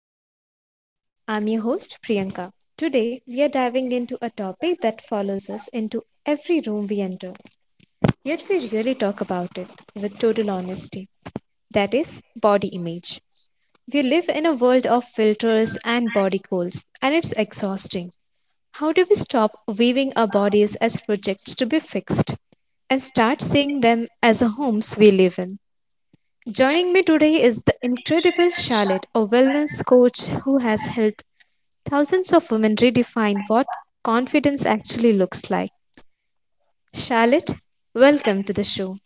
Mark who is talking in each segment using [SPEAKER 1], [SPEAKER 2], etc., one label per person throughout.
[SPEAKER 1] to the Mirror Edit. I'm your host, Priyanka. Today, we are diving into a topic that follows us into every room we enter, yet we really talk about it with total honesty that is, body image. We live in a world of filters and body goals, and it's exhausting. How do we stop viewing our bodies as projects to be fixed and start seeing them as the homes we live in? Joining me today is the incredible Charlotte, a wellness coach who has helped thousands of women redefine what confidence actually looks like. Charlotte, welcome to the show.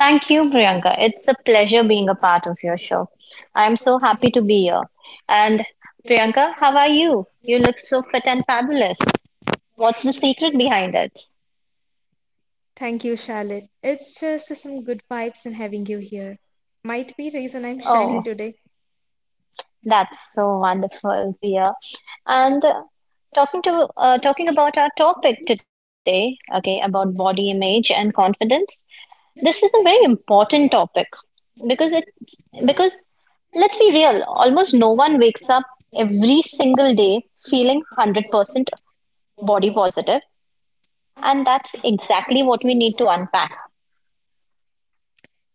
[SPEAKER 2] Thank you, Priyanka. It's a pleasure being a part of your show. I'm so happy to be here. And Priyanka, how are you? You look so fit and fabulous. What's the secret behind it?
[SPEAKER 1] Thank you, Charlotte. It's just some good vibes in having you here. Might be reason I'm
[SPEAKER 2] Oh,
[SPEAKER 1] shining today.
[SPEAKER 2] that's so wonderful to hear. And talking to talking about our topic today, okay, about body image and confidence. This is a very important topic because it's because let's be real, almost no one wakes up every single day feeling 100% body positive, and that's exactly what we need to unpack.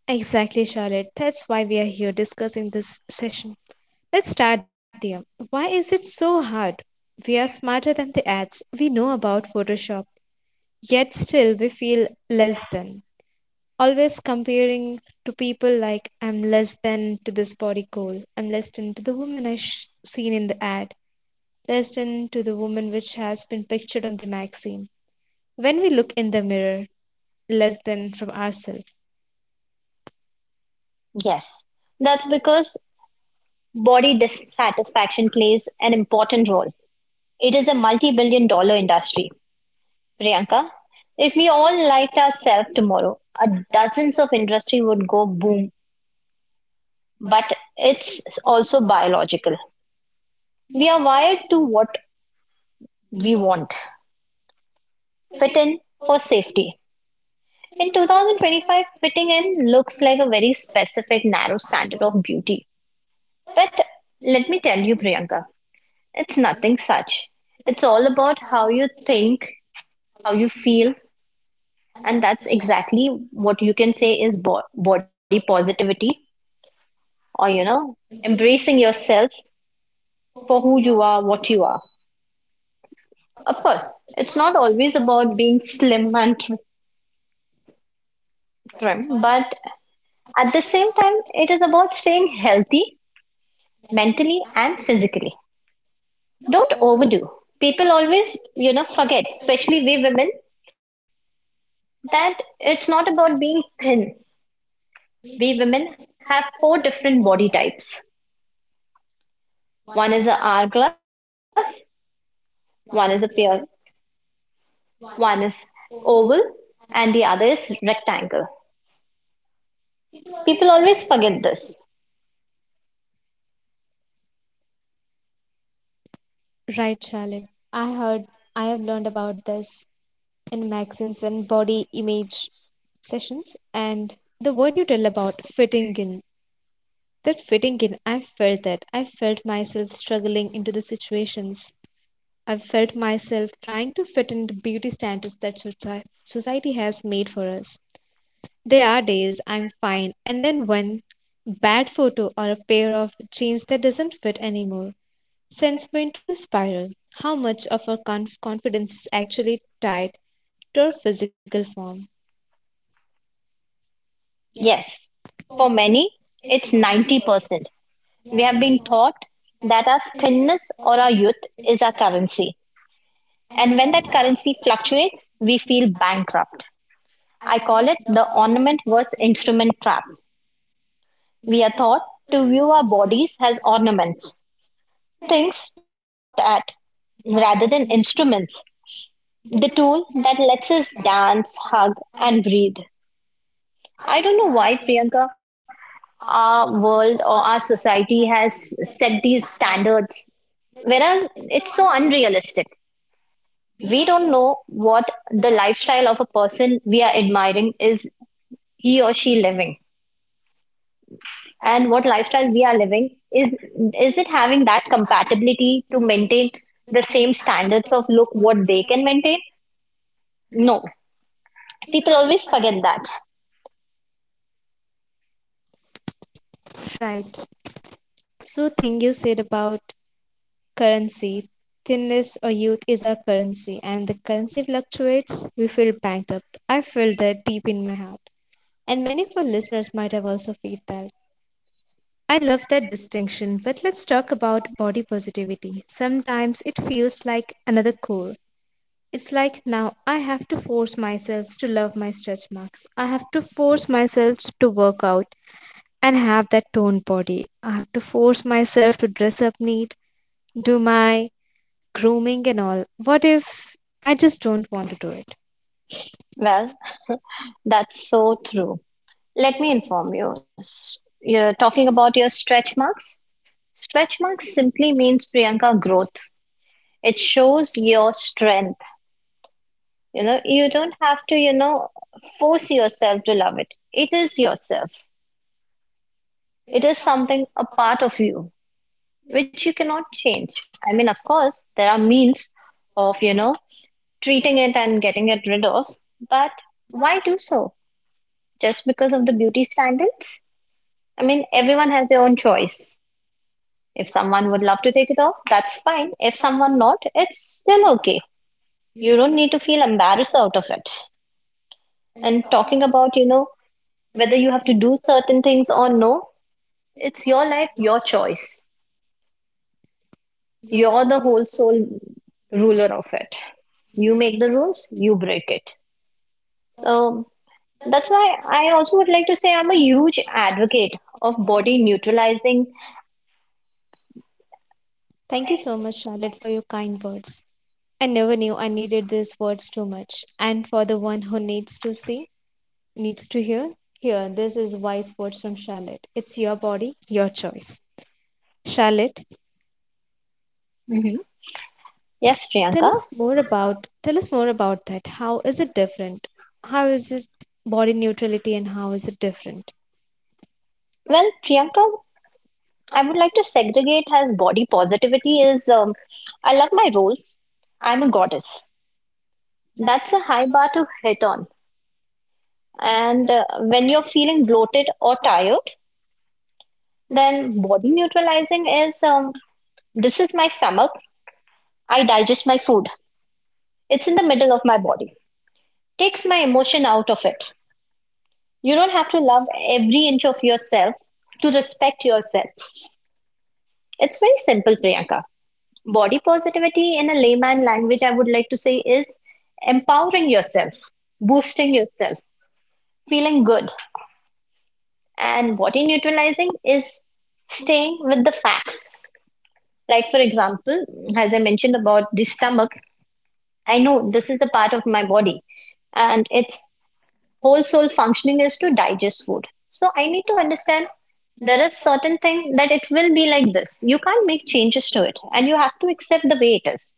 [SPEAKER 1] Exactly, Charlotte. That's why we are here discussing this session. Let's start there. Why is it so hard? We are smarter than the ads we know about Photoshop. Yet still we feel less than. Always comparing to people like I'm less than to this body goal. I'm less than to the woman I seen in the ad. Less than to the woman which has been pictured on the magazine. When we look in the mirror, less than from ourselves.
[SPEAKER 2] Yes, that's because body dissatisfaction plays an important role. It is a multi billion-dollar industry. Priyanka, if we all liked ourselves tomorrow, a dozens of industry would go boom, but it's also biological. We are wired to what we want fit in for safety. In 2025, fitting in looks like a very specific, narrow standard of beauty. But let me tell you, Priyanka, it's nothing such. It's all about how you think, how you feel, and that's exactly what you can say is body positivity or, you know, embracing yourself for who you are, what you are. Of course, it's not always about being slim and trim, but at the same time, it is about staying healthy mentally and physically. Don't overdo. People always, you know, forget, especially we women, that it's not about being thin. We women have four different body types. One is a hourglass, one is a pear, one is oval, and the other is rectangle. People always forget this.
[SPEAKER 1] Right, Charlotte. I heard I have learned about this in magazines and body image sessions and the word you tell about fitting in. That fitting in, I felt that. I felt myself struggling into the situations. I felt myself trying to fit in the beauty standards that society has made for us. There are days I'm fine, and then one bad photo or a pair of jeans that doesn't fit anymore sends me into spiral. How much of our confidence is actually tied to our physical form?
[SPEAKER 2] Yes, for many, it's 90%. We have been taught that our thinness or our youth is our currency. And when that currency fluctuates, we feel bankrupt. I call it the ornament versus instrument trap. We are taught to view our bodies as ornaments, things to be looked at rather than instruments, the tool that lets us dance, hug, and breathe. I don't know why, Priyanka, our world or our society has set these standards, whereas it's so unrealistic. We don't know what the lifestyle of a person we are admiring is he or she living and what lifestyle we are living is it having that compatibility to maintain the same standards of look what they can maintain. No, people always forget that.
[SPEAKER 1] Right. So, thing you said about currency, thinness or youth is our currency and the currency fluctuates, we feel bankrupt. I feel that deep in my heart. And many of our listeners might have also felt that. I love that distinction, but let's talk about body positivity. Sometimes it feels like another core. It's like now I have to force myself to love my stretch marks. I have to force myself to work out and have that toned body. I have to force myself to dress up neat, do my grooming and all. What if I just don't want to do it?
[SPEAKER 2] Well, that's so true. Let me inform you, you're talking about your stretch marks. Stretch marks simply means, Priyanka, growth. It shows your strength. You know, you don't have to force yourself to love it. It is yourself. It is something, a part of you, which you cannot change. I mean, of course, there are means of treating it and getting it rid of, but why do so? Just because of the beauty standards? I mean, everyone has their own choice. If someone would love to take it off, that's fine. If someone not, it's still okay. You don't need to feel embarrassed out of it. And talking about, you know, whether you have to do certain things or no. It's your life, your choice. You're the whole soul ruler of it. You make the rules, you break it. So that's why I also would like to say I'm a huge advocate of body neutralizing.
[SPEAKER 1] Thank you so much, Charlotte, for your kind words. I never knew I needed these words too much. And for the one who needs to see, needs to hear, here, this is wise words from Charlotte. It's your body, your choice. Charlotte,
[SPEAKER 2] Mhm. Yes, Priyanka.
[SPEAKER 1] tell us more about that. How is it different? How is it body neutrality and how is it different?
[SPEAKER 2] Well, Priyanka, I would like to segregate as body positivity is I love my roles. I'm a goddess. That's a high bar to hit on. And when you're feeling bloated or tired, then body neutralizing is this is my stomach. I digest my food. It's in the middle of my body. Takes my emotion out of it. You don't have to love every inch of yourself to respect yourself. It's very simple, Priyanka. Body positivity in a layman language, I would like to say, is empowering yourself, boosting yourself, feeling good. And body neutralizing is staying with the facts. Like, for example, as I mentioned about the stomach, I know this is a part of my body and its whole soul functioning is to digest food. So I need to understand there is certain thing that it will be like this. You can't make changes to it and you have to accept the way it is.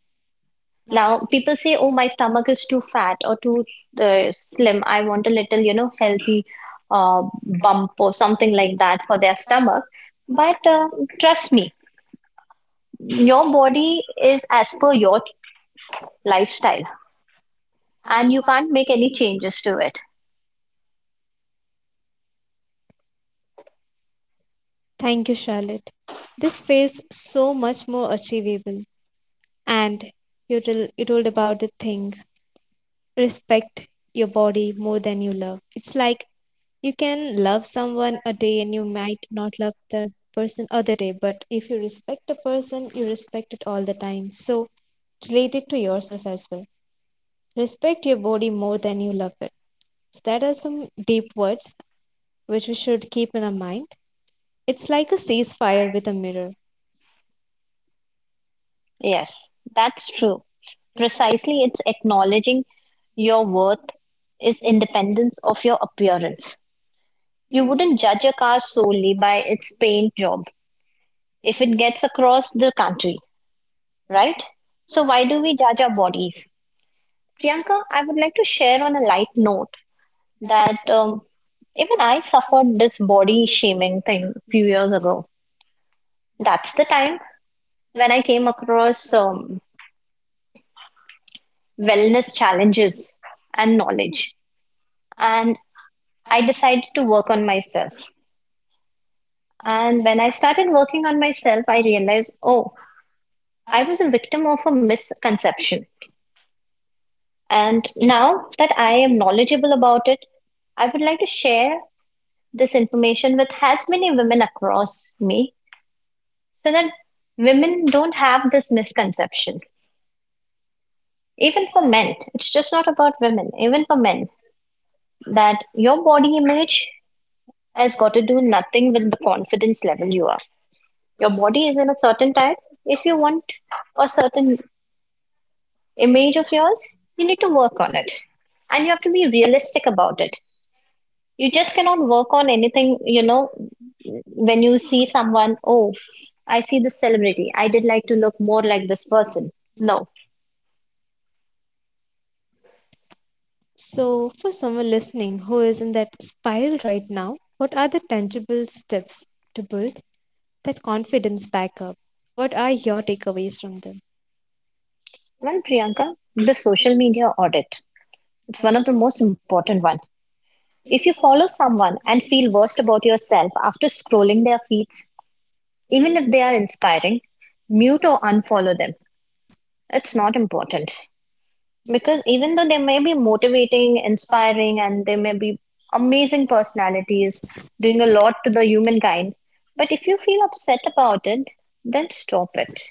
[SPEAKER 2] Now people say, oh, my stomach is too fat or too slim. I want a little, you know, healthy uh, bump or something like that for their stomach. But trust me, your body is as per your lifestyle and you can't make any changes to it.
[SPEAKER 1] Thank you, Charlotte. This feels so much more achievable. And you told about the thing respect your body more than you love. It's like you can love someone a day and you might not love the person other day, but if you respect a person, you respect it all the time. So relate it to yourself as well. Respect your body more than you love it. So that are some deep words which we should keep in our mind. It's like a ceasefire with a mirror.
[SPEAKER 2] Yes, that's true. Precisely, it's acknowledging your worth is independence of your appearance. You wouldn't judge a car solely by its paint job if it gets across the country, right? So why do we judge our bodies? Priyanka, I would like to share on a light note that even I suffered this body shaming thing a few years ago. That's the time when I came across wellness challenges and knowledge, and I decided to work on myself. And when I started working on myself, I realized, oh, I was a victim of a misconception. And now that I am knowledgeable about it, I would like to share this information with as many women across me so that women don't have this misconception. Even for men, it's just not about women, even for men, that your body image has got to do nothing with the confidence level you are. Your body is in a certain type. If you want a certain image of yours, you need to work on it. And you have to be realistic about it. You just cannot work on anything, you know, when you see someone, oh, I see this celebrity. I did like to look more like this person. No.
[SPEAKER 1] So, for someone listening who is in that spiral right now, what are the tangible steps to build that confidence back up? What are your takeaways from them?
[SPEAKER 2] Well, Priyanka, the social media audit. It's one of the most important one. If you follow someone and feel worst about yourself after scrolling their feeds, even if they are inspiring, mute or unfollow them. It's not important because even though they may be motivating, inspiring, and they may be amazing personalities doing a lot to the humankind, but if you feel upset about it, then stop it.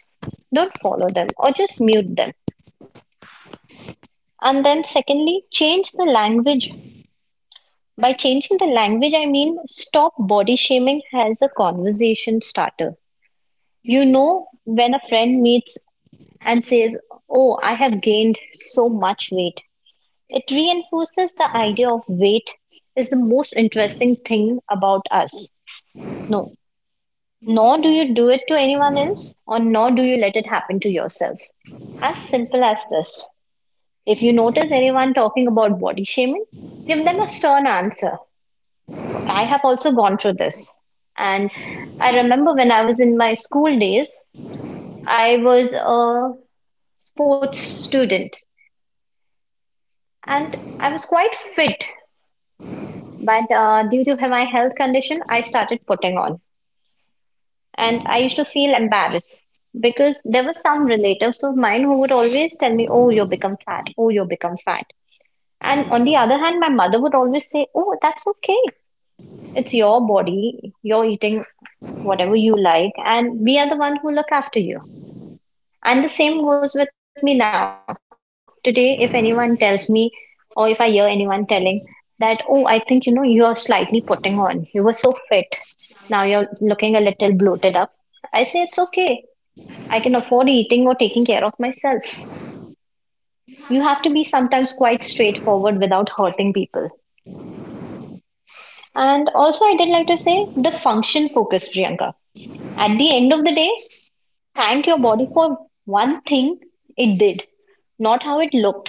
[SPEAKER 2] Don't follow them or just mute them. And then, secondly, change the language. By changing the language, I mean stop body shaming as a conversation starter. You know, when a friend meets and says, "Oh, I have gained so much weight," it reinforces the idea of weight is the most interesting thing about us. No, nor do you do it to anyone else, or nor do you let it happen to yourself. As simple as this. If you notice anyone talking about body shaming, give them a stern answer. I have also gone through this. And I remember when I was in my school days, I was a sports student and I was quite fit. But due to my health condition, I started putting on. And I used to feel embarrassed because there were some relatives of mine who would always tell me, "Oh, you've become fat. Oh, you've become fat." And on the other hand, my mother would always say, "Oh, that's okay. It's your body. You're eating whatever you like. And we are the one who look after you." And the same goes with me now. Today, if anyone tells me, or if I hear anyone telling that, oh, I think you know, you are slightly putting on, you were so fit, now you're looking a little bloated up. I say, it's okay. I can afford eating or taking care of myself. You have to be sometimes quite straightforward without hurting people. And also, I did like to say the function focus, Priyanka. At the end of the day, thank your body for one thing it did, not how it looked.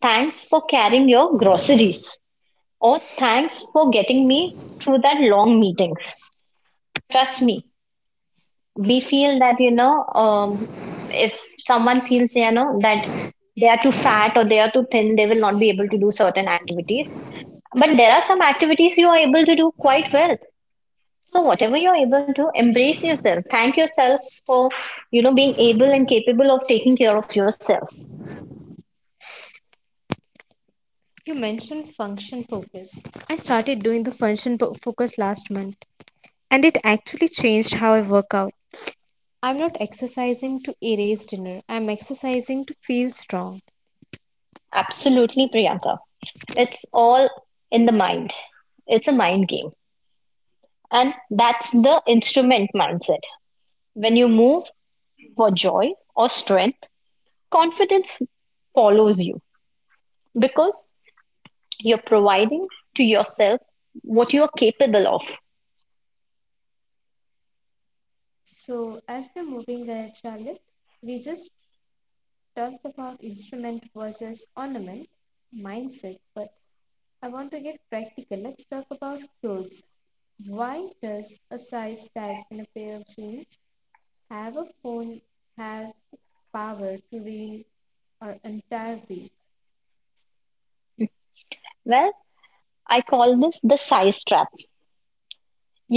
[SPEAKER 2] Thanks for carrying your groceries. Or thanks for getting me through that long meetings. Trust me, we feel that. If someone feels that they are too fat or they are too thin, they will not be able to do certain activities. But there are some activities you are able to do quite well. So whatever you're able to, embrace yourself. Thank yourself for, you know, being able and capable of taking care of yourself.
[SPEAKER 1] You mentioned function focus. I started doing the function focus last month, and it actually changed how I work out. I'm not exercising to erase dinner, I'm exercising to feel strong.
[SPEAKER 2] Absolutely, Priyanka. It's all in the mind. It's a mind game. And that's the instrument mindset. When you move for joy or strength, confidence follows you because you're providing to yourself what you are capable of.
[SPEAKER 1] So, as we're moving ahead, Charlotte, we just talked about instrument versus ornament mindset, but I want to get practical. Let's talk about clothes. Why does a size tag in a pair of jeans have a phone have the power to ruin our entire week?
[SPEAKER 2] Well,
[SPEAKER 1] Well,
[SPEAKER 2] I
[SPEAKER 1] I call
[SPEAKER 2] call
[SPEAKER 1] it
[SPEAKER 2] this the
[SPEAKER 1] the
[SPEAKER 2] size
[SPEAKER 1] size.
[SPEAKER 2] trap.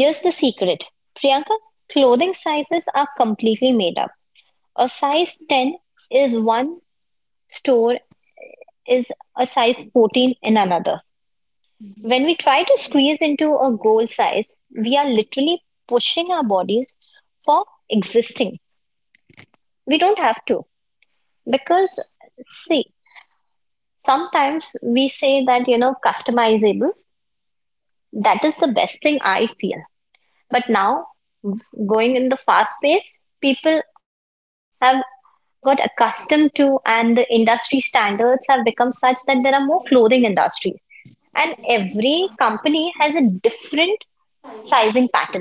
[SPEAKER 1] Here's
[SPEAKER 2] the
[SPEAKER 1] the secret.
[SPEAKER 2] secret,
[SPEAKER 1] One
[SPEAKER 2] Priyanka,
[SPEAKER 1] is
[SPEAKER 2] clothing
[SPEAKER 1] clothing
[SPEAKER 2] sizes
[SPEAKER 1] are
[SPEAKER 2] are
[SPEAKER 1] from
[SPEAKER 2] completely made up. A
[SPEAKER 1] a
[SPEAKER 2] size
[SPEAKER 1] size 10
[SPEAKER 2] 10 is
[SPEAKER 1] is one.
[SPEAKER 2] one store, is a size 14 in another. When we try to squeeze into a goal size, we are literally pushing our bodies for existing. We don't have to because, see, sometimes we say that, you know, customizable, that is the best thing I feel. But now, going in the fast pace, people have got accustomed to, and the industry standards have become such that there are more clothing industry. And every company has a different sizing patterns.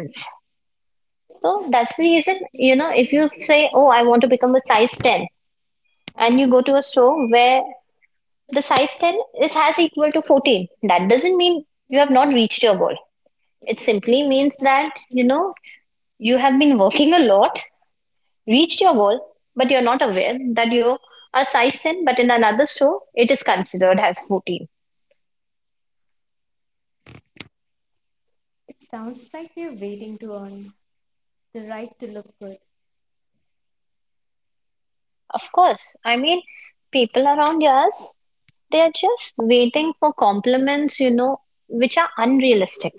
[SPEAKER 2] So that's the reason, if you say, oh, I want to become a size 10, and you go to a store where the size 10 is has equal to 14, that doesn't mean you have not reached your goal. It simply means that, you have been working a lot, reached your goal, but you're not aware that you are size 10, but in another store, it is considered as 14.
[SPEAKER 1] It sounds like we're waiting to earn the right to look good.
[SPEAKER 2] Of course, I mean, people around us, they are just waiting for compliments, which are unrealistic.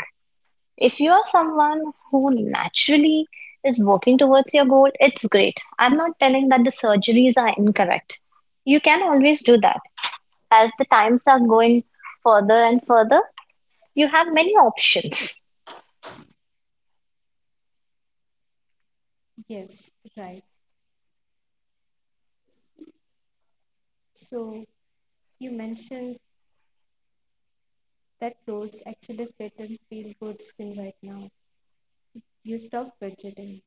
[SPEAKER 2] If you are someone who naturally is working towards your goal, it's great. I'm not telling that the surgeries are incorrect. You can always do that. As the times are going further and further, you have many options.
[SPEAKER 1] Yes, right. So you mentioned that clothes actually fit and feel good skill right now. You stop fidgeting.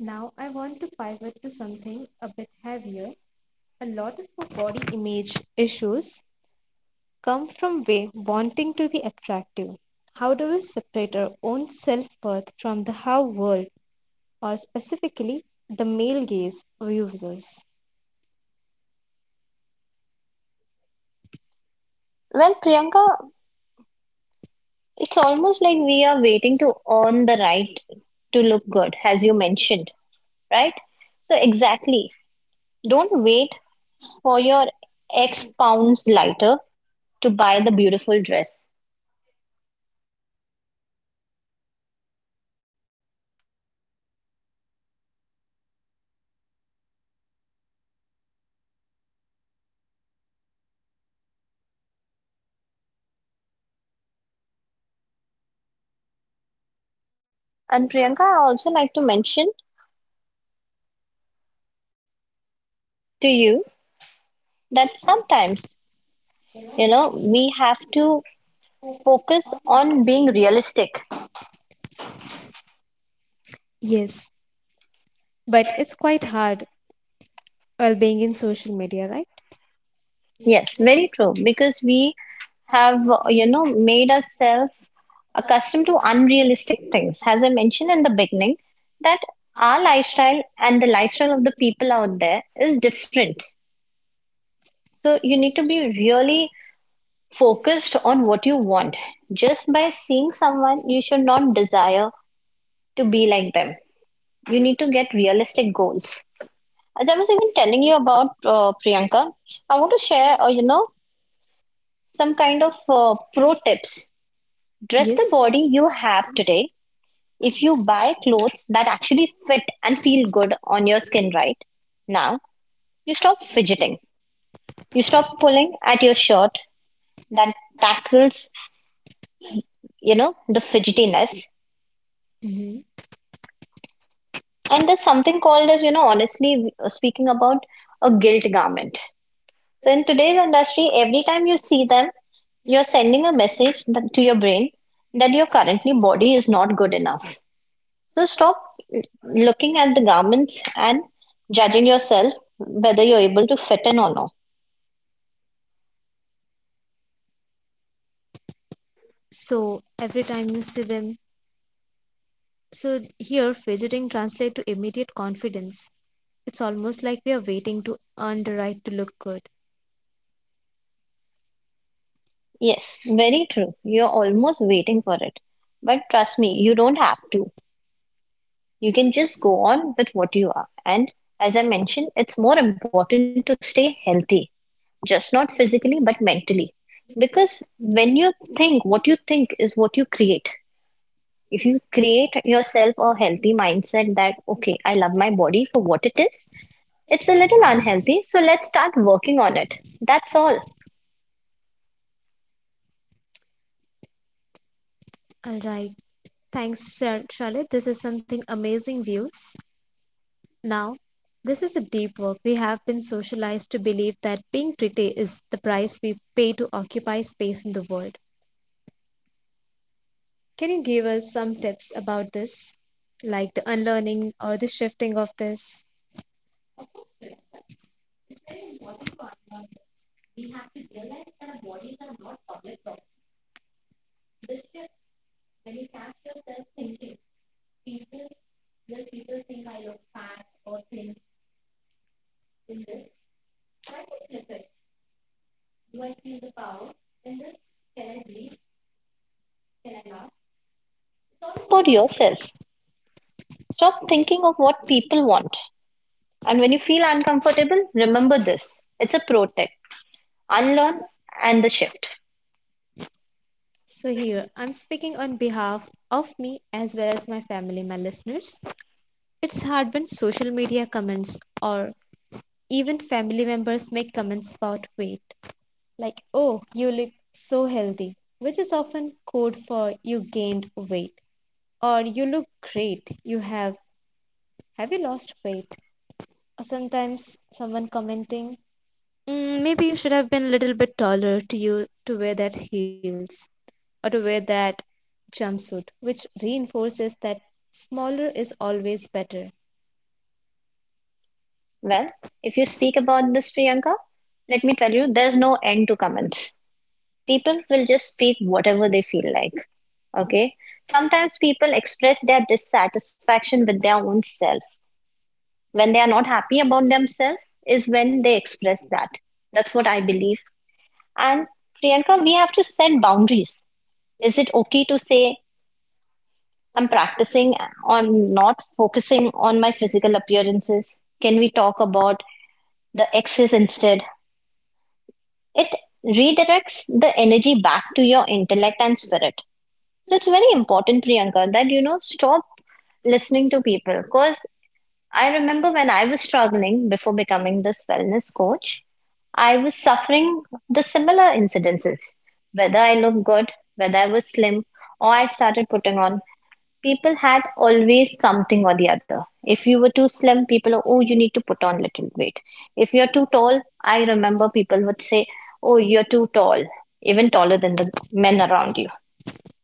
[SPEAKER 1] Now I want to pivot to something a bit heavier. A lot of our body image issues come from way wanting to be attractive. How do we separate our own self worth from the how world or specifically the male gaze views us?
[SPEAKER 2] Well, Priyanka, it's almost like we are waiting to earn the right to look good, as you mentioned, right? So, exactly. Don't wait for your X pounds lighter to buy the beautiful dress. And Priyanka, I also like to mention to you that sometimes, we have to focus on being realistic.
[SPEAKER 1] Yes, but it's quite hard while being in social media, right?
[SPEAKER 2] Yes, very true. Because we have, made ourselves accustomed to unrealistic things. As I mentioned in the beginning, that our lifestyle and the lifestyle of the people out there is different. So you need to be really focused on what you want. Just by seeing someone, you should not desire to be like them. You need to get realistic goals. As I was even telling you about Priyanka, I want to share, some kind of pro tips. Dress the
[SPEAKER 1] Yes.
[SPEAKER 2] body you have today. If you buy clothes that actually fit and feel good on your skin right now, you stop fidgeting. You stop pulling at your shirt that tackles, the fidgetiness.
[SPEAKER 1] hmm
[SPEAKER 2] And there's something called as, honestly speaking about a guilt garment. So in today's industry, every time you see them, you're sending a message that, to your brain that your currently body is not good enough. So stop looking at the garments and judging yourself whether you're able to fit in or not.
[SPEAKER 1] So every time you see them, so here, fidgeting translates to immediate confidence. It's almost like we are waiting to earn the right to look good.
[SPEAKER 2] Yes, very true. You're almost waiting for it. But trust me, you don't have to. You can just go on with what you are. And as I mentioned, it's more important to stay healthy, just not physically but mentally, because when you think, what you think is what you create. If you create yourself a healthy mindset that okay, I love my body for what it is, it's a little unhealthy, so let's start working on it, that's all.
[SPEAKER 1] All right. Thanks, Charlotte. This is something amazing views. Now, this is a deep work. We have been socialized to believe that being pretty is the price we pay to occupy space in the world. Can you give us some tips about this, like the unlearning or the shifting of this?
[SPEAKER 2] About yourself, stop thinking of what people want, and when you feel uncomfortable, remember this. It's a protect, unlearn, and the shift.
[SPEAKER 1] So, here I'm speaking on behalf of me as well as my family, my listeners. It's hard when social media comments or even family members make comments about weight, like, oh, you look so healthy, which is often code for you gained weight, or you look great, have you lost weight? Or sometimes someone commenting, "Mm, maybe you should have been a little bit taller to you to wear that heels or to wear that jumpsuit," which reinforces that smaller is always better.
[SPEAKER 2] Well, if you speak about this, Priyanka, let me tell you there's no end to comments. People will just speak whatever they feel like. Okay. Sometimes people express their dissatisfaction with their own self. When they are not happy about themselves is when they express that. That's what I believe. And Priyanka, we have to set boundaries. Is it okay to say, I'm practicing on not focusing on my physical appearances? Can we talk about the exes instead? It redirects the energy back to your intellect and spirit. So it's very important, Priyanka, that stop listening to people. Because I remember when I was struggling before becoming this wellness coach, I was suffering the similar incidences. Whether I looked good, whether I was slim, or I started putting on, people had always something or the other. If you were too slim, people are, oh, you need to put on little weight. If you're too tall, I remember people would say, oh, you're too tall, even taller than the men around you.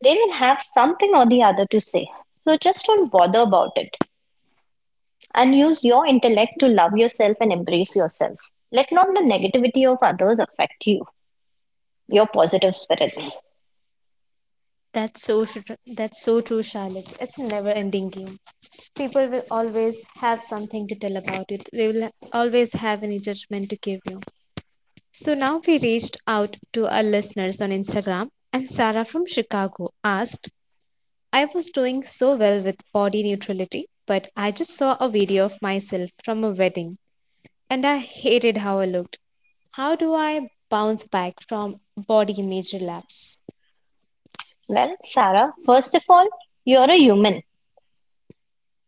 [SPEAKER 2] They will have something or the other to say. So just don't bother about it and use your intellect to love yourself and embrace yourself. Let not the negativity of others affect you, your positive spirits.
[SPEAKER 1] That's so true, Charlotte. It's a never-ending game. People will always have something to tell about it. They will always have any judgment to give you. So now we reached out to our listeners on Instagram, and Sarah from Chicago asked, "I was doing so well with body neutrality, but I just saw a video of myself from a wedding, and I hated how I looked. How do I bounce back from body image relapse?"
[SPEAKER 2] Well, Sarah, first of all, you're a human.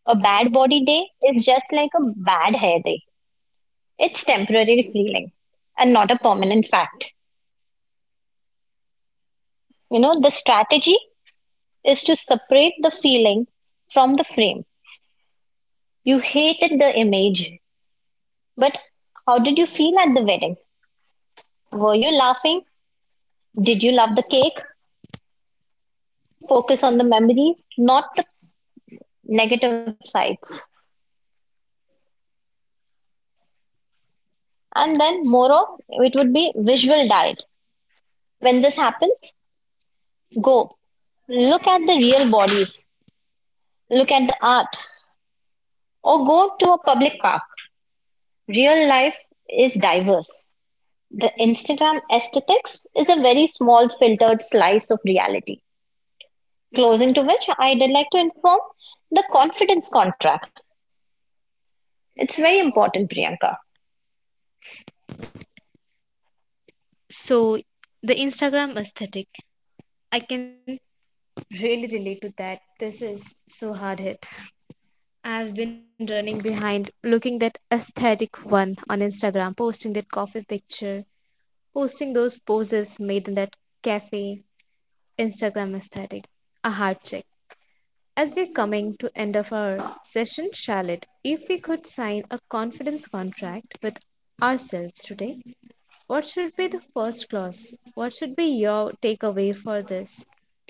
[SPEAKER 2] A bad body day is just like a bad hair day. It's temporary feeling and not a permanent fact. You know, the strategy is to separate the feeling from the frame. You hated the image, but how did you feel at the wedding? Were you laughing? Did you love the cake? Focus on the memories, not the negative sides. And then, moreover, it would be visual diet. When this happens, go look at the real bodies, look at the art, or go to a public park. Real life is diverse. The Instagram aesthetics is a very small filtered slice of reality. Closing to which, I'd like to inform the confidence contract. It's very important, Priyanka.
[SPEAKER 1] So the Instagram aesthetic, I can really relate to that. This is so hard hit. I've been running behind, looking that aesthetic one on Instagram, posting that coffee picture, posting those poses made in that cafe Instagram aesthetic. A heart check. As we're coming to end of our session, Charlotte, if we could sign a confidence contract with ourselves today, what should be the first clause? What should be your takeaway for this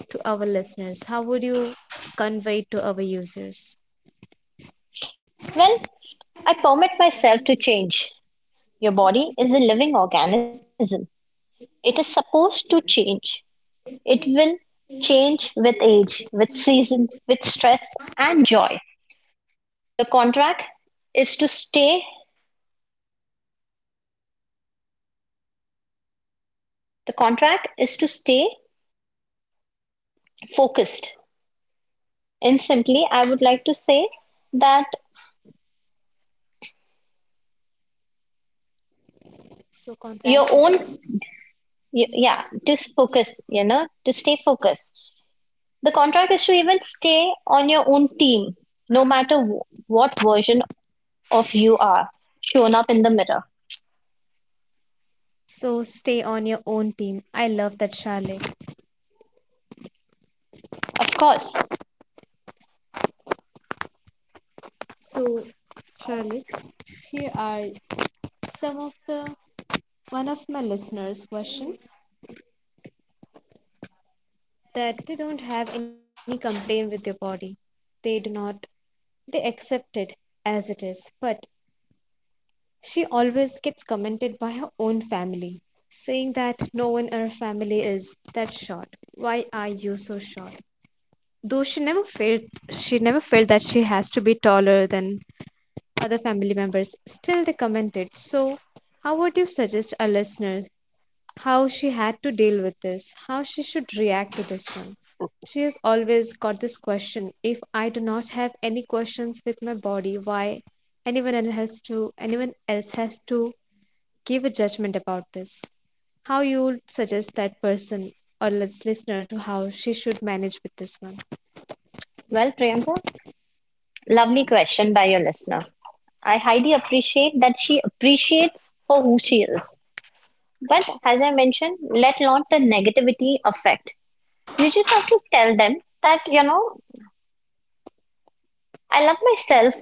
[SPEAKER 1] to our listeners? How would you convey it to our users?
[SPEAKER 2] Well, I permit myself to change, your body is a living organism. It is supposed to change. It will change with age, with season, with stress and joy. The contract is to stay, the contract is to stay focused. And simply I would like to say that
[SPEAKER 1] So contract
[SPEAKER 2] your
[SPEAKER 1] is to.
[SPEAKER 2] own, yeah, just focus, to stay focused. The contract is to even stay on your own team, no matter what version of you are shown up in the mirror.
[SPEAKER 1] So stay on your own team. I love that, Charlotte.
[SPEAKER 2] Of course.
[SPEAKER 1] So, Charlotte, here are some of the one of my listeners' question that they don't have any complaint with their body. They do not they accept it as it is, but she always gets commented by her own family, saying that no one in her family is that short. Why are you so short? Though she never felt that she has to be taller than other family members, still they commented. So how would you suggest our listeners how she had to deal with this? How she should react to this one?
[SPEAKER 2] Well,
[SPEAKER 1] She has always got this question. If I do not have any questions with my body, why anyone else has to give a judgment about this. How you would suggest that person or let's listener to how she should manage with this one.
[SPEAKER 2] Priyanka, lovely question by your listener. I highly appreciate that she appreciates for who she is. But as I mentioned, let not the negativity affect. You just have to tell them that, I love myself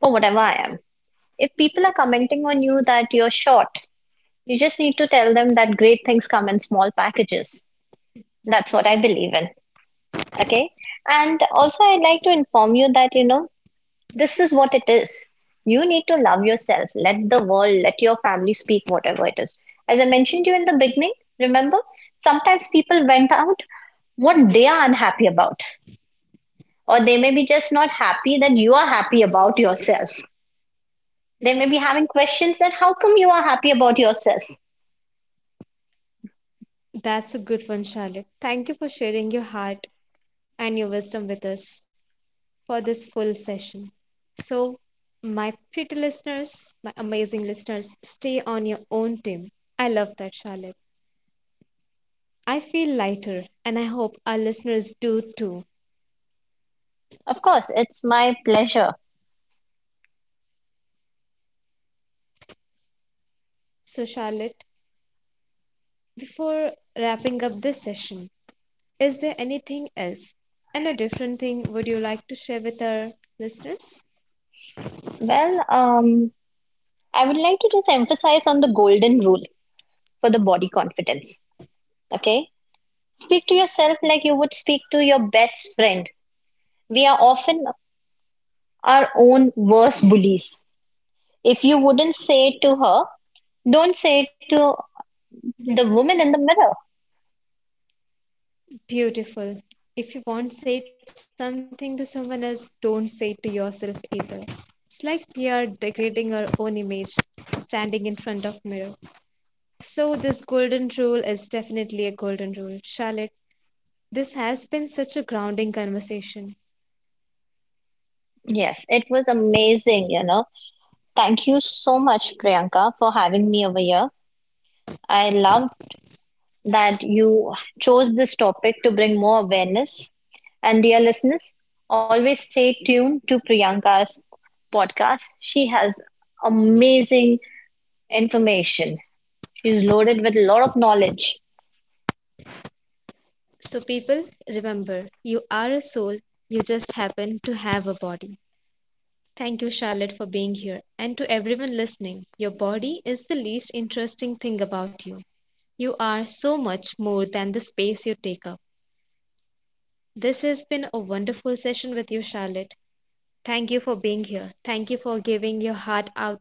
[SPEAKER 2] for whatever I am. If people are commenting on you that you're short, you just need to tell them that great things come in small packages. That's what I believe in. Okay. And also, I'd like to inform you that, this is what it is. You need to love yourself. Let the world, let your family speak whatever it is. As I mentioned to you in the beginning, remember, sometimes people vent out what they are unhappy about, or they may be just not happy that you are happy about yourself. They may be having questions that how come you are happy about yourself?
[SPEAKER 1] That's a good one, Charlotte. Thank you for sharing your heart and your wisdom with us for this full session. So, my pretty listeners, my amazing listeners, stay on your own team. I love that, Charlotte. I feel lighter, and I hope our listeners do too.
[SPEAKER 2] Of course, it's my pleasure.
[SPEAKER 1] So, Charlotte, before wrapping up this session, is there anything else and a different thing would you like to share with our listeners?
[SPEAKER 2] Well, I would like to just emphasize on the golden rule for the body confidence. Okay. Speak to yourself like you would speak to your best friend. We are often our own worst bullies. If you wouldn't say it to her, don't say it to the woman in the mirror.
[SPEAKER 1] Beautiful. If you won't say something to someone else, don't say it to yourself either. It's like we are degrading our own image standing in front of mirror. So this golden rule is definitely a golden rule. Charlotte, this has been such a grounding conversation.
[SPEAKER 2] Yes, it was amazing, you know. Thank you so much, Priyanka, for having me over here. I loved that you chose this topic to bring more awareness. And dear listeners, always stay tuned to Priyanka's podcast. She has amazing information. She's loaded with a lot of knowledge.
[SPEAKER 1] So people, remember, you are a soul, you just happen to have a body. Thank you, Charlotte, for being here. And to everyone listening, your body is the least interesting thing about you. You are so much more than the space you take up. This has been a wonderful session with you, Charlotte. Thank you for being here. Thank you for giving your heart out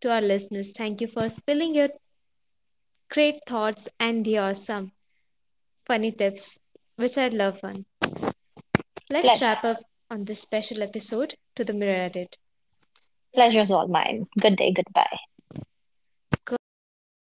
[SPEAKER 1] to our listeners. Thank you for spilling your great thoughts and your some funny tips, which I love one. Let's
[SPEAKER 2] Pleasure,
[SPEAKER 1] wrap up on this special episode to the Mirror Edit.
[SPEAKER 2] pleasure's all mine. Good day, goodbye.
[SPEAKER 1] Go out there, take